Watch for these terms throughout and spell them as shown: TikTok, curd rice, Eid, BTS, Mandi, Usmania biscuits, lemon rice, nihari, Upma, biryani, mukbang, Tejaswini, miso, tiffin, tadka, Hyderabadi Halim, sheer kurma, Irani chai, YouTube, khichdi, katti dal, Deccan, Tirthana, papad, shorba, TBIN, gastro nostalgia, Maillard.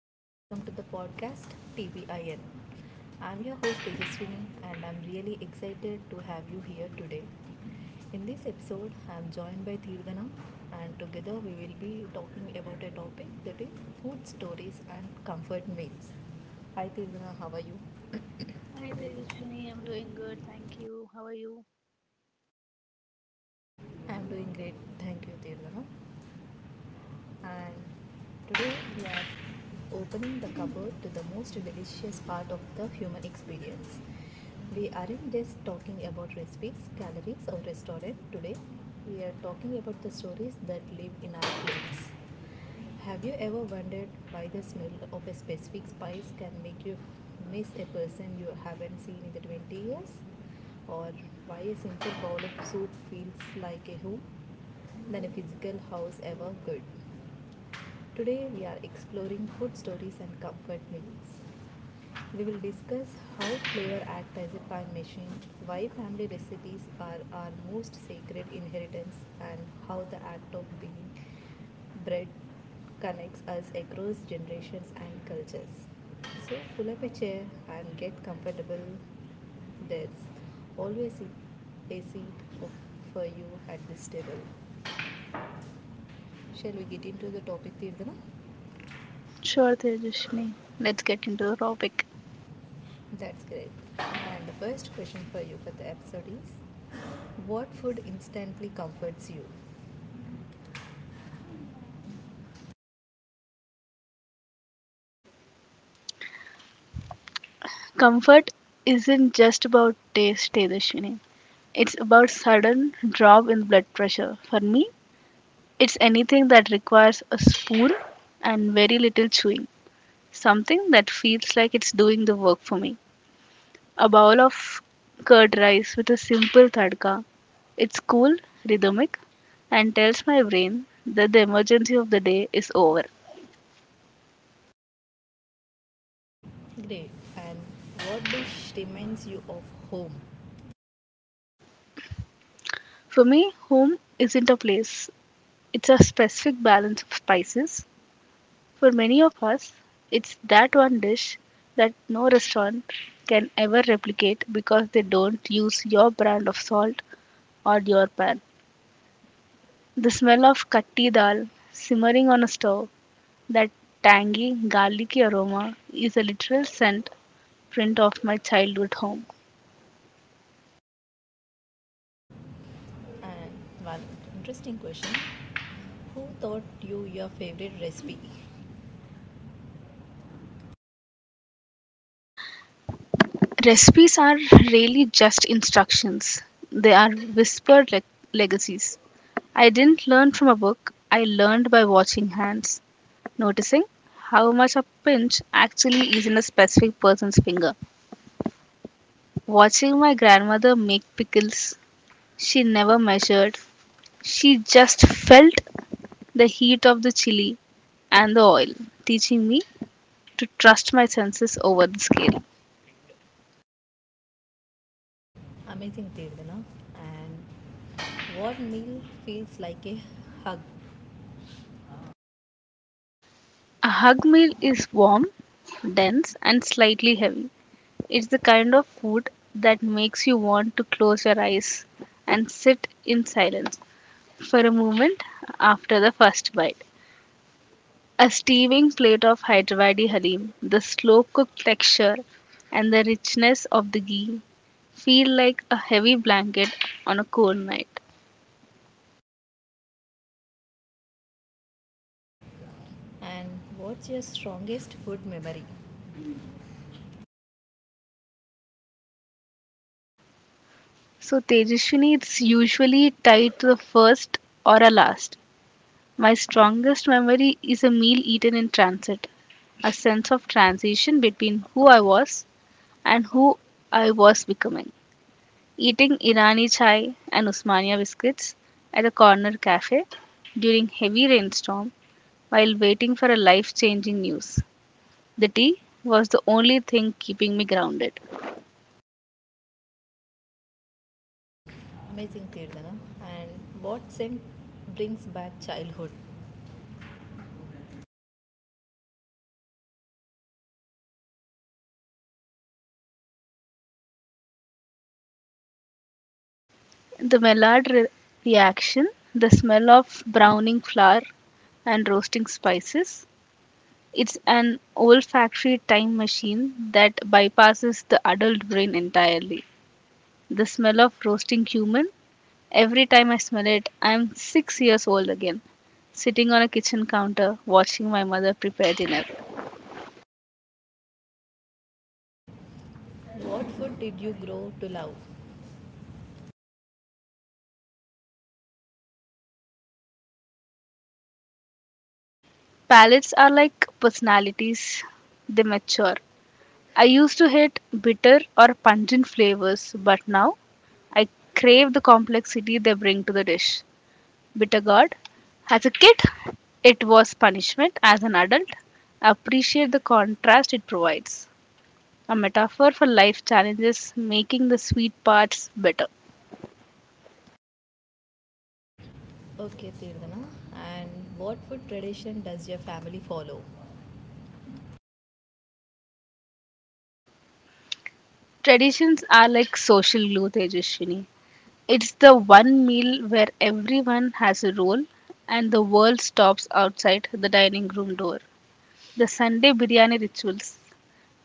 and welcome to the podcast TBIN. I'm your host Tejaswini and I'm really excited to have you here today. In this episode, I'm joined by Tirthana and together we will be talking about a topic that is food stories and comfort meals. Hi Tirthana, how are you? Hi Tejaswini, I'm doing good, thank you. How are you? I'm doing great. Thank you Tirthana. And today we are opening the cupboard to the most delicious part of the human experience. We aren't just talking about recipes, calories, or restaurant today. We are talking about the stories that live in our plates. Have you ever wondered why the smell of a specific spice can make you miss a person you haven't seen in the 20 years? Or why a simple bowl of soup feels like a home than a physical house ever could? Today we are exploring food stories and comfort meals. We will discuss how flavor act as a time machine, why family recipes are our most sacred inheritance, and how the act of being bread connects us across generations and cultures. So pull up a chair and get comfortable. There's always a seat of- for you at this table. Shall we get into the topic, Tirdana? Sure, Tejaswini. Let's get into the topic. That's great. And the first question for you for the episode is, what food instantly comforts you? Comfort isn't just about taste, Tejaswini. It's about sudden drop in blood pressure. For me, it's anything that requires a spoon and very little chewing. Something that feels like it's doing the work for me. A bowl of curd rice with a simple tadka. It's cool, rhythmic, and tells my brain that the emergency of the day is over. Great. And what dish reminds you of home? For me, home isn't a place, it's a specific balance of spices. For many of us, it's that one dish that no restaurant can ever replicate because they don't use your brand of salt or your pan. The smell of katti dal simmering on a stove, that tangy, garlicky aroma, is a literal scent print of my childhood home. And one interesting question, who taught you your favorite recipe? Recipes are really just instructions, they are whispered legacies. I didn't learn from a book, I learned by watching hands, noticing how much a pinch actually is in a specific person's finger. Watching my grandmother make pickles, she never measured, she just felt the heat of the chili and the oil, teaching me to trust my senses over the scale. Amazing, Tirdana. And what meal feels like a hug? A hug meal is warm, dense, and slightly heavy. It's the kind of food that makes you want to close your eyes and sit in silence for a moment after the first bite. A steaming plate of Hyderabadi Halim, the slow cooked texture and the richness of the ghee feel like a heavy blanket on a cold night. And what's your strongest food memory? So, Tejashwini, it's usually tied to the first or a last. My strongest memory is a meal eaten in transit, a sense of transition between who I was and who I was becoming. Eating Irani chai and Usmania biscuits at a corner cafe during heavy rainstorm while waiting for a life-changing news. The tea was the only thing keeping me grounded. Amazing, Tirdana. And what scent brings back childhood? The reaction, the smell of browning flour and roasting spices, it's an olfactory time machine that bypasses the adult brain entirely. The smell of roasting cumin. Every time I smell it, I'm 6 years old again, sitting on a kitchen counter watching my mother prepare dinner. What food did you grow to love? Palates are like personalities, they mature. I used to hate bitter or pungent flavors, but now I crave the complexity they bring to the dish. Bitter gourd. As a kid, it was punishment. As an adult, I appreciate the contrast it provides. A metaphor for life challenges, making the sweet parts better. Okay, Tirdana. And what food tradition does your family follow? Traditions are like social glue, Tejaswini. It's the one meal where everyone has a role and the world stops outside the dining room door. The Sunday biryani rituals.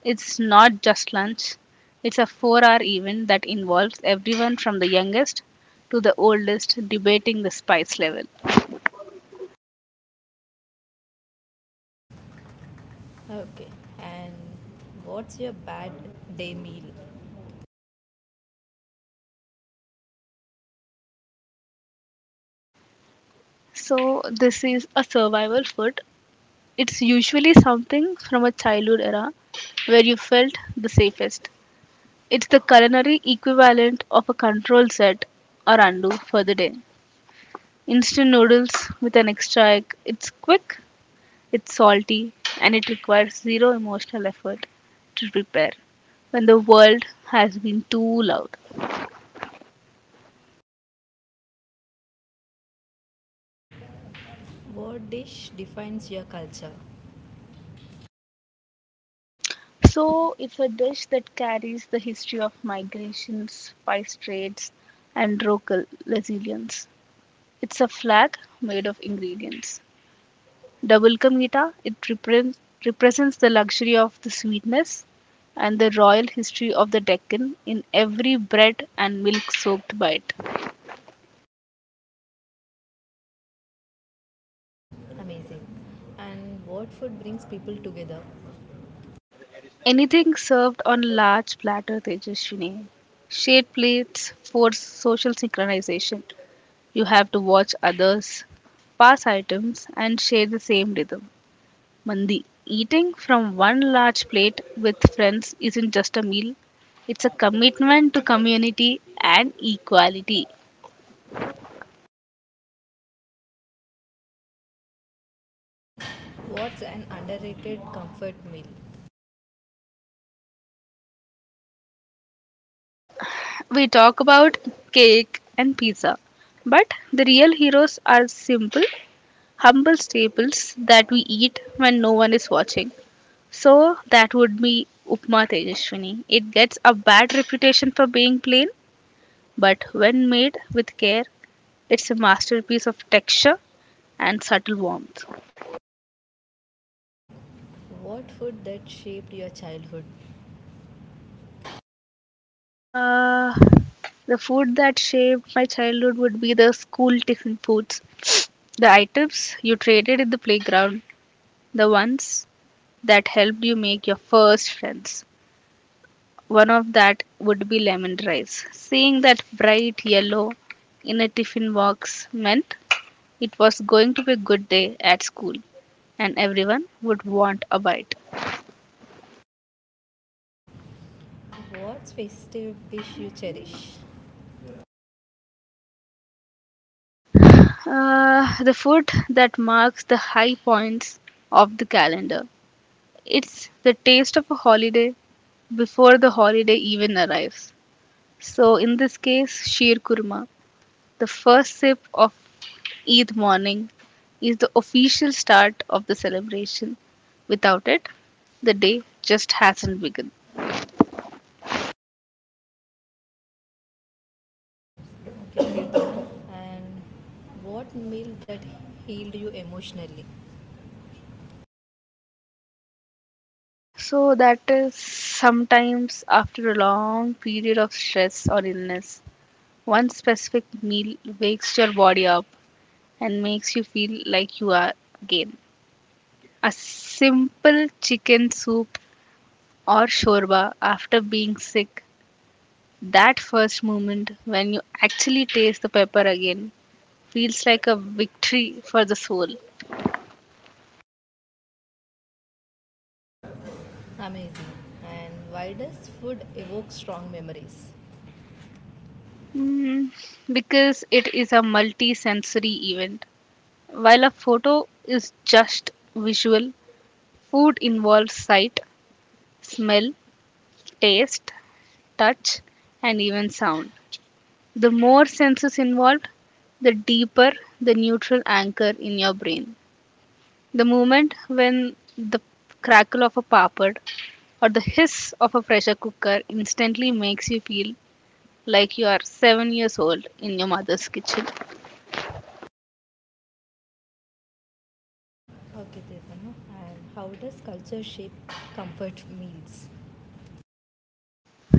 It's not just lunch, it's a 4 hour event that involves everyone from the youngest to the oldest debating the spice level. Okay. And what's your bad day meal? So, this is a survival food. It's usually something from a childhood era where you felt the safest. It's the culinary equivalent of a control set or undo for the day. Instant noodles with an extra egg. It's quick, it's salty, and it requires zero emotional effort to prepare when the world has been too loud. What dish defines your culture? So, it's a dish that carries the history of migrations, spice trades, and local resilience. It's a flag made of ingredients. Double Vulcum, it represents the luxury of the sweetness and the royal history of the Deccan in every bread and milk soaked bite. Amazing. And what food brings people together? Anything served on large platter, Tejaswini. Shade plates force social synchronization. You have to watch others pass items and share the same rhythm. Mandi. Eating from one large plate with friends isn't just a meal, it's a commitment to community and equality. What's an underrated comfort meal? We talk about cake and pizza, but the real heroes are simple, humble staples that we eat when no one is watching. So that would be Upma, Tejaswini. It gets a bad reputation for being plain, but when made with care, it's a masterpiece of texture and subtle warmth. What food that shaped your childhood? Uh, the food that shaped my childhood would be the school tiffin foods, the items you traded in the playground, the ones that helped you make your first friends. One of that would be lemon rice. Seeing that bright yellow in a tiffin box meant it was going to be a good day at school, and everyone would want a bite. What's festive dish you cherish? The food that marks the high points of the calendar. It's the taste of a holiday before the holiday even arrives. So, in this case, sheer kurma, the first sip of Eid morning is the official start of the celebration. Without it, the day just hasn't begun. And what meal that healed you emotionally? So that is sometimes after a long period of stress or illness, one specific meal wakes your body up and makes you feel like you are again. A simple chicken soup or shorba after being sick, that first moment when you actually taste the pepper again feels like a victory for the soul. Amazing. And why does food evoke strong memories? Mm, because it is a multi sensory event. While a photo is just visual, food involves sight, smell, taste, touch, and even sound. The more senses involved, the deeper the neutral anchor in your brain. The moment when the crackle of a papad or the hiss of a pressure cooker instantly makes you feel like you are 7 years old in your mother's kitchen. Okay, Tetanu. And how does culture shape comfort meals?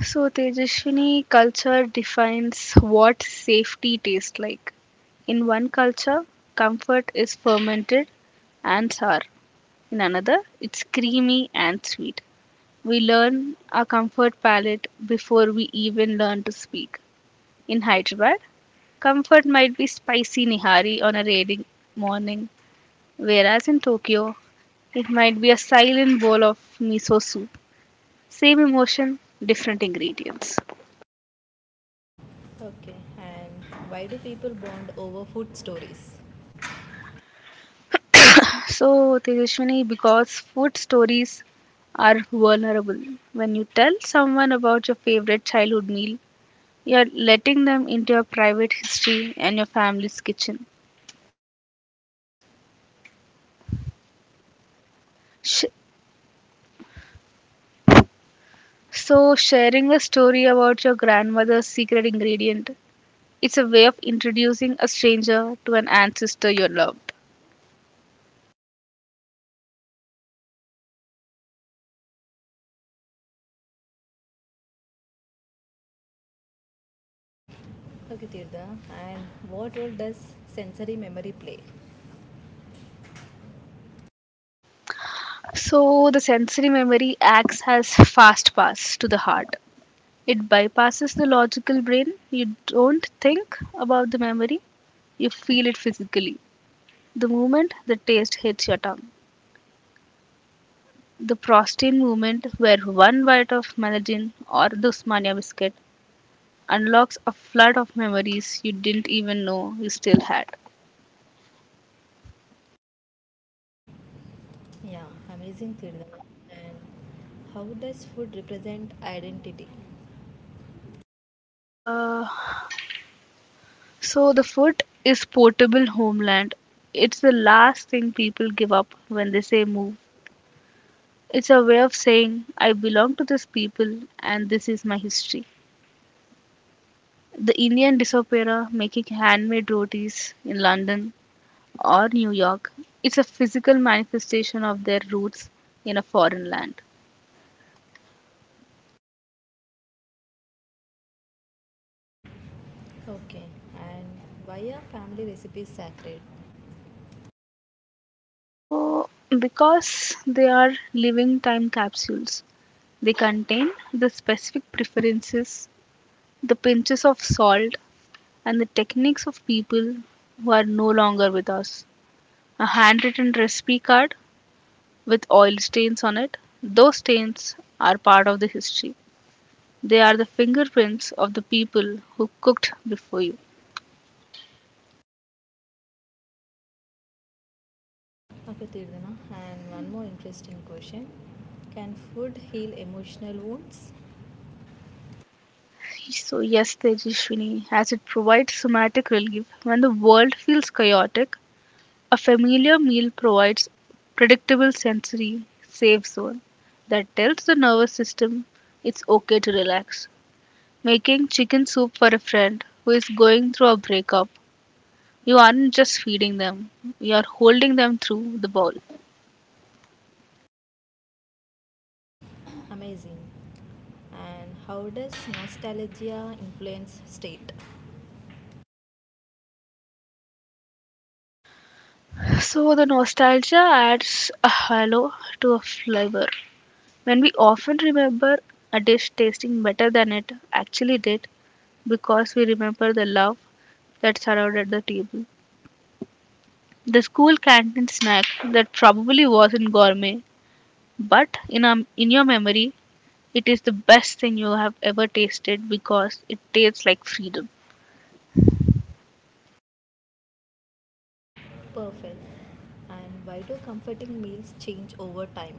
So, Tejaswini, culture defines what safety tastes like. In one culture, comfort is fermented and sour. In another, it's creamy and sweet. We learn our comfort palate before we even learn to speak. In Hyderabad, comfort might be spicy nihari on a rainy morning, whereas in Tokyo, it might be a silent bowl of miso soup. Same emotion, different ingredients. Okay. And why do people bond over food stories? So, Tejaswini, because food stories are vulnerable. When you tell someone about your favorite childhood meal, you're letting them into your private history and your family's kitchen. Sh- so, sharing a story about your grandmother's secret ingredient, it's a way of introducing a stranger to an ancestor you loved. Okay, Tirda. And what role does sensory memory play? So, the sensory memory acts as fast pass to the heart. It bypasses the logical brain. You don't think about the memory, you feel it physically. The moment the taste hits your tongue. The prostate movement, where one bite of melagin or the Usmania biscuit unlocks a flood of memories you didn't even know you still had. Yeah, amazing, Tirda. And how does food represent identity? Uh, so the food is portable homeland. It's the last thing people give up when they say move. It's a way of saying I belong to this people and this is my history. The Indian Disopera making handmade rotis in London or New York. It's a physical manifestation of their roots in a foreign land. Okay. And why are family recipes sacred? So, because they are living time capsules, they contain the specific preferences, the pinches of salt, and the techniques of people who are no longer with us. A handwritten recipe card with oil stains on it, those stains are part of the history. They are the fingerprints of the people who cooked before you. ಅಗತ್ಯದನ, and one more interesting question, can food heal emotional wounds? So, yes, Tejashwini, as it provides somatic relief when the world feels chaotic, a familiar meal provides predictable sensory safe zone that tells the nervous system it's okay to relax. Making chicken soup for a friend who is going through a breakup, you aren't just feeding them, you are holding them through the bowl. Amazing. And how does nostalgia influence state? So the nostalgia adds a halo to a flavor, when we often remember a dish tasting better than it actually did because we remember the love that surrounded the table. The school canteen snack that probably wasn't gourmet, but in your memory, it is the best thing you have ever tasted because it tastes like freedom. Perfect. And why do comforting meals change over time?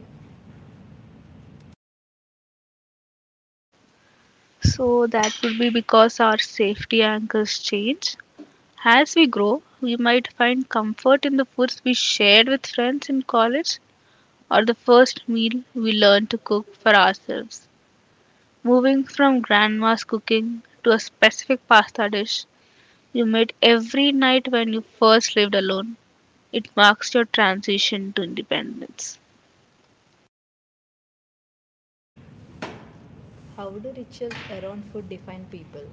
So that would be because our safety anchors change. As we grow, we might find comfort in the foods we shared with friends in college or the first meal we learn to cook for ourselves. Moving from grandma's cooking to a specific pasta dish you made every night when you first lived alone, it marks your transition to independence. How do rituals around food define people?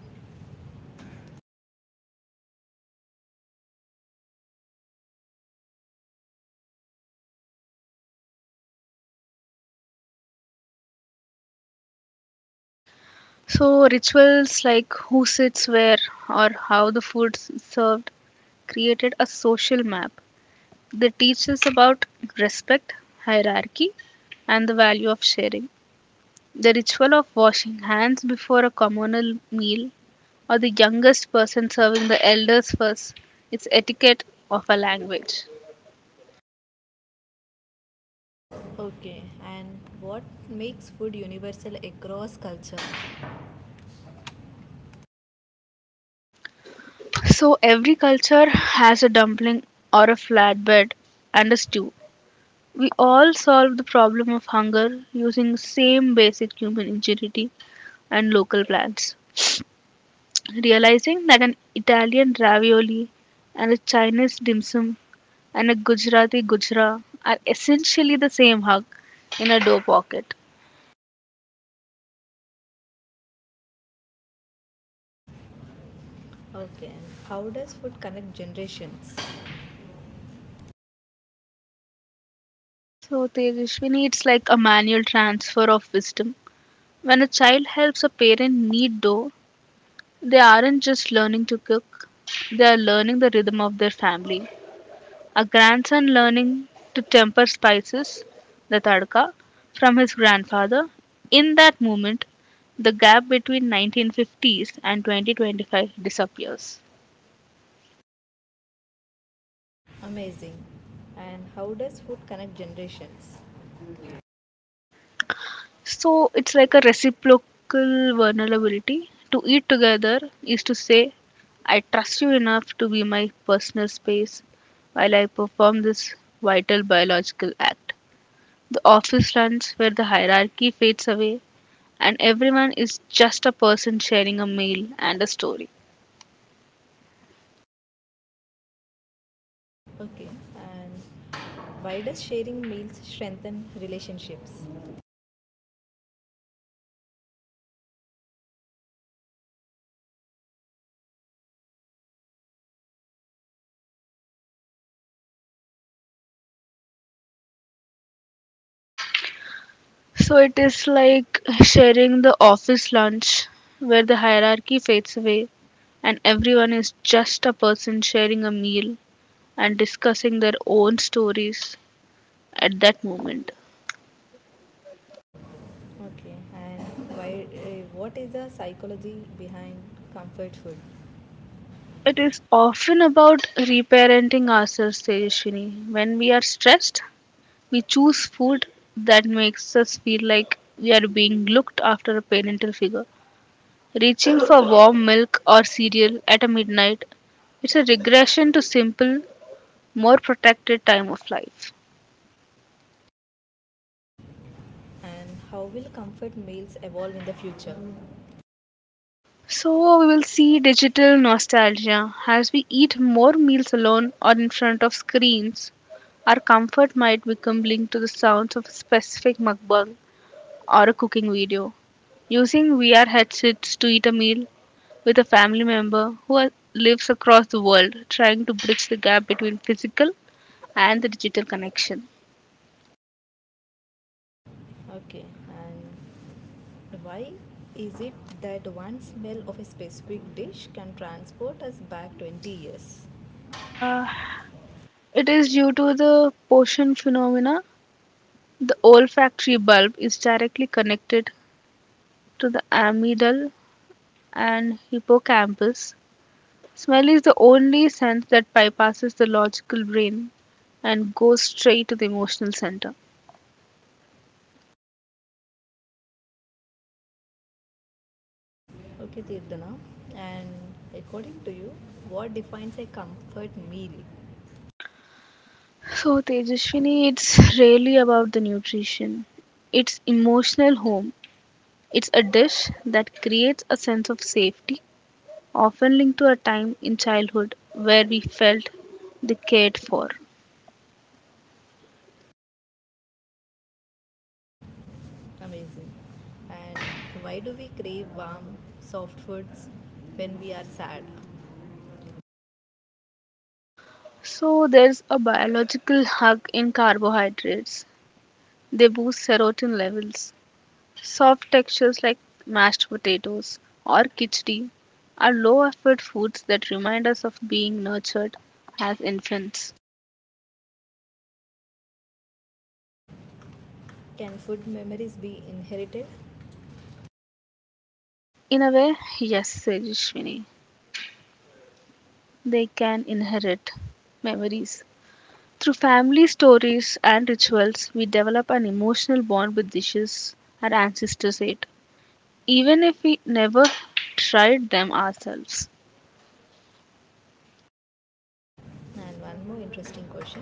So, rituals like who sits where or how the food is served created a social map. They teach us about respect, hierarchy, and the value of sharing. The ritual of washing hands before a communal meal, or the youngest person serving the elders first, is etiquette of a language. Okay. And what makes food universal across culture? So every culture has a dumpling or a flatbread and a stew. We all solve the problem of hunger using the same basic human ingenuity and local plants. Realizing that an Italian ravioli and a Chinese dim sum and a Gujarati Gujra are essentially the same hug in a dough pocket. Okay. And how does food connect generations? So, Tejashwini, it's like a manual transfer of wisdom. When a child helps a parent knead dough, they aren't just learning to cook, they are learning the rhythm of their family. A grandson learning to temper spices, the tadka, from his grandfather. In that moment, the gap between 1950s and 2025 disappears. Amazing. And how does food connect generations? So it's like a reciprocal vulnerability. To eat together is to say, I trust you enough to be my personal space while I perform this vital biological act. The office lunch where the hierarchy fades away and everyone is just a person sharing a meal and a story. Okay. And why does sharing meals strengthen relationships? So it is like sharing the office lunch where the hierarchy fades away and everyone is just a person sharing a meal and discussing their own stories at that moment. Okay. And why? What is the psychology behind comfort food? It is often about reparenting ourselves, Tejashwini. When we are stressed, we choose food that makes us feel like we are being looked after a parental figure. Reaching for warm milk or cereal at a midnight, it's a regression to simple, more protected time of life. And how will comfort meals evolve in the future? So we will see digital nostalgia as we eat more meals alone or in front of screens. Our comfort might become linked to the sounds of a specific mukbang or a cooking video. Using VR headsets to eat a meal with a family member lives across the world, trying to bridge the gap between physical and the digital connection. Okay. And why is it that one smell of a specific dish can transport us back 20 years? It is due to the portion phenomena. The olfactory bulb is directly connected to the amygdala and hippocampus, smell is the only sense that bypasses the logical brain and goes straight to the emotional center. Okay, Tirthana. And according to you, what defines a comfort meal? So, Tejaswini, it's really about the nutrition. It's emotional home. It's a dish that creates a sense of safety, often linked to a time in childhood where we felt they cared for. Amazing. And why do we crave warm, soft foods when we are sad? So, there's a biological hug in carbohydrates. They boost serotonin levels. Soft textures like mashed potatoes or khichdi are low effort foods that remind us of being nurtured as infants. Can food memories be inherited? In a way, yes, said they can inherit memories. Through family stories and rituals, we develop an emotional bond with dishes our ancestors ate, even if we never tried them ourselves. And one more interesting question.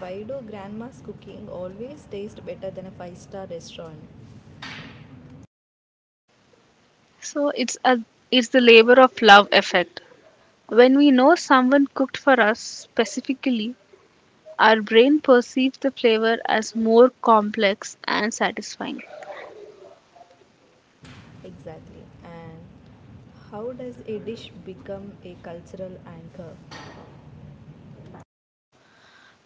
Why do grandma's cooking always taste better than a five-star restaurant? So it's a it's the labor of love effect. When we know someone cooked for us specifically, our brain perceives the flavor as more complex and satisfying. Exactly. And how does a dish become a cultural anchor?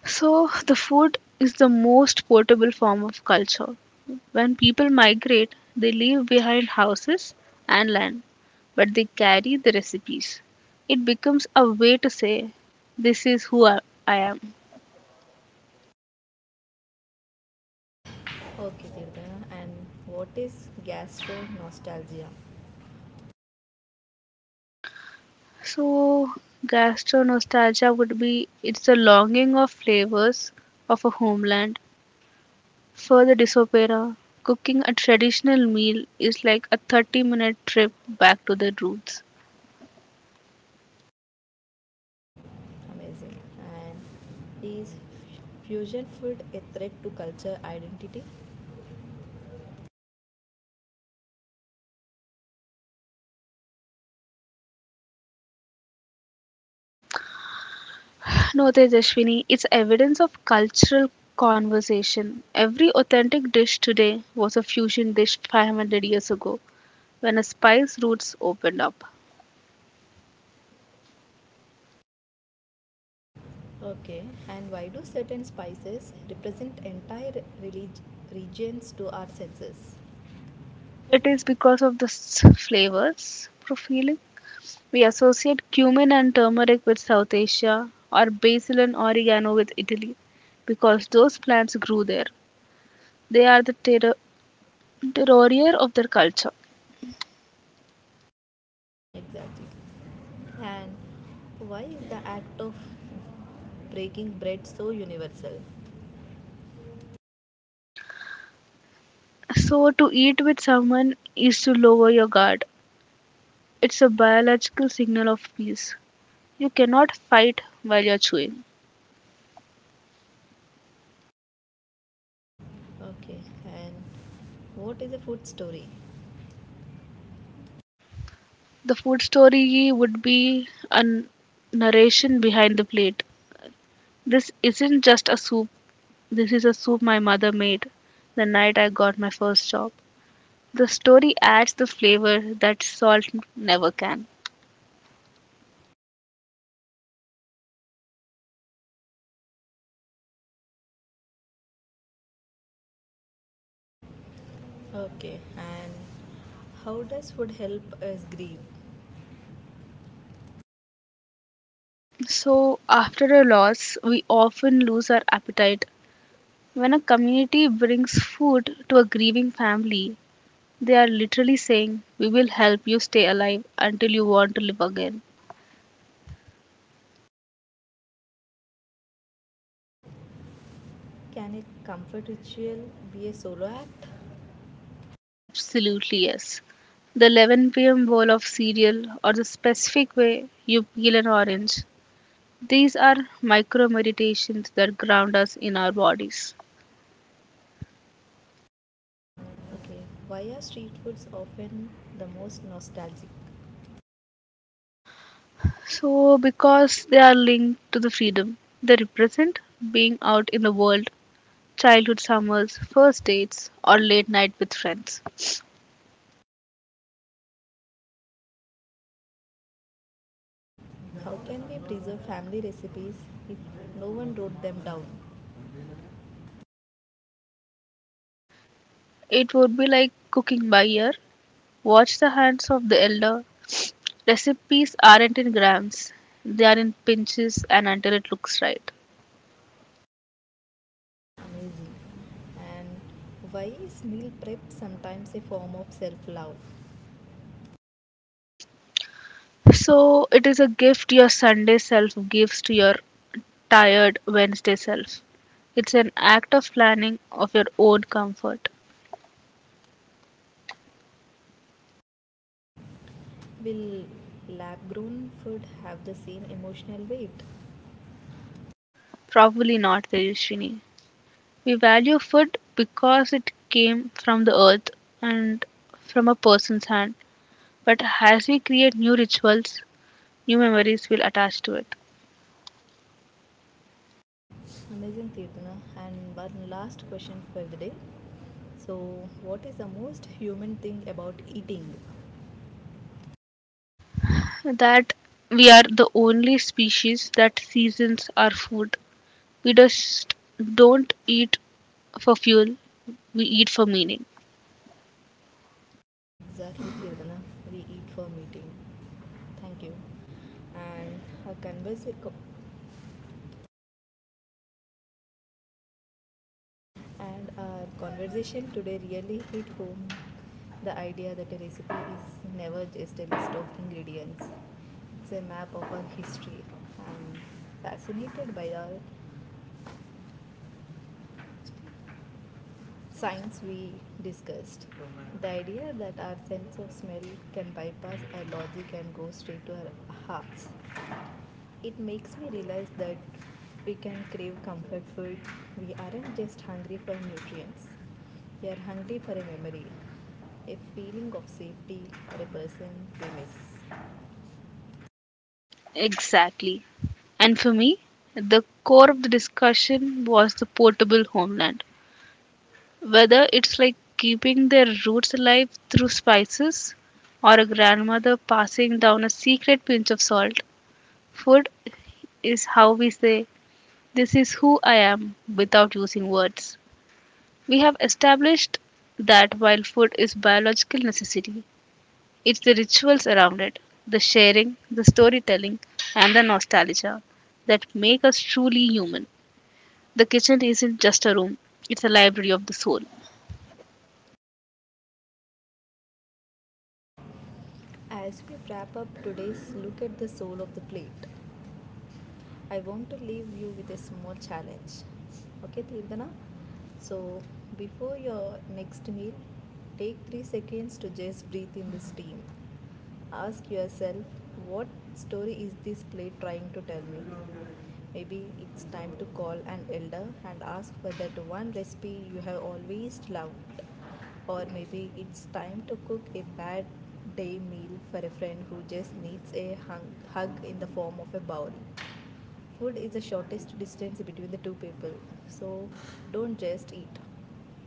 So, the food is the most portable form of culture. When people migrate, they leave behind houses and land, but they carry the recipes. It becomes a way to say, this is who I am. Okay, Tirthana. And what is gastro nostalgia? So, gastro nostalgia would be it's the longing of flavors of a homeland for the disospora, cooking a traditional meal is like a 30-minute trip back to the roots. Amazing. And is fusion food a threat to culture identity? No, Tejaswini, it's evidence of cultural conversation. Every authentic dish today was a fusion dish 500 years ago when a spice roots opened up. Okay. And why do certain spices represent entire relig- regions to our senses? It is because of the flavors profiling. We associate cumin and turmeric with South Asia or basil and oregano with Italy because those plants grew there. They are the the warrior of their culture. Exactly. And why is the act of breaking bread so universal? So, to eat with someone is to lower your guard. It's a biological signal of peace. You cannot fight while you're chewing. Okay. And what is a food story? The food story would be a narration behind the plate. This isn't just a soup, this is a soup my mother made the night I got my first job. The story adds the flavor that salt never can. Okay. And how does food help us grieve? So, after a loss, we often lose our appetite. When a community brings food to a grieving family, they are literally saying, we will help you stay alive until you want to live again. Can a comfort ritual be a solo act? Absolutely, yes. The 11 p.m. bowl of cereal or the specific way you peel an orange. These are micro meditations that ground us in our bodies. Okay, why are street foods often the most nostalgic? So, because they are linked to the freedom, they represent being out in the world, childhood summers, first dates, or late night with friends. How can we preserve family recipes if no one wrote them down? It would be like cooking by ear. Watch the hands of the elder. Recipes aren't in grams, they are in pinches and until it looks right. Amazing. And why is meal prep sometimes a form of self love? So it is a gift your Sunday self gives to your tired Wednesday self. It's an act of planning of your own comfort. Will lab grown food have the same emotional weight? Probably not, Tejashwini. We value food because it came from the earth and from a person's hand. But as we create new rituals, new memories will attach to it. Amazing, Tirthana. And one last question for the day. So, what is the most human thing about eating? That we are the only species that seasons our food. We just don't eat for fuel, we eat for meaning. Exactly, Kirtana. We eat for meeting. Thank you. And our, conversa- and our conversation today really hit home the idea that a recipe is never just a list of ingredients, it's a map of our history. I'm fascinated by our science we discussed. The idea that our sense of smell can bypass our logic and go straight to our hearts. It makes me realize that we can crave comfort food. We aren't just hungry for nutrients, we are hungry for a memory, a feeling of safety, or a person we miss. Exactly. And for me, the core of the discussion was the portable homeland. Whether it's like keeping their roots alive through spices or a grandmother passing down a secret pinch of salt, food is how we say, this is who I am, without using words. We have established that while food is biological necessity, it's the rituals around it, the sharing, the storytelling, and the nostalgia that make us truly human. The kitchen isn't just a room, it's a library of the soul. As we wrap up today's look at the soul of the plate, I want to leave you with a small challenge. Okay, Tirdana? So, before your next meal, take 3 seconds to just breathe in the steam. Ask yourself, what story is this plate trying to tell me? Maybe it's time to call an elder and ask for that one recipe you have always loved. Or maybe it's time to cook a bad day meal for a friend who just needs a hug in the form of a bowl. Food is the shortest distance between the two people, so don't just eat,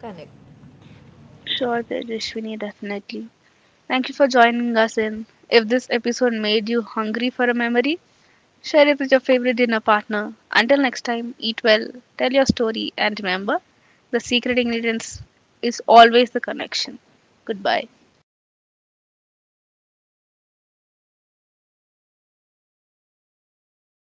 connect. Sure, Tejashwini, definitely. Thank you for joining us in. If this episode made you hungry for a memory, share it with your favorite dinner partner. Until next time, eat well, tell your story, and remember the secret ingredients is always the connection. Goodbye.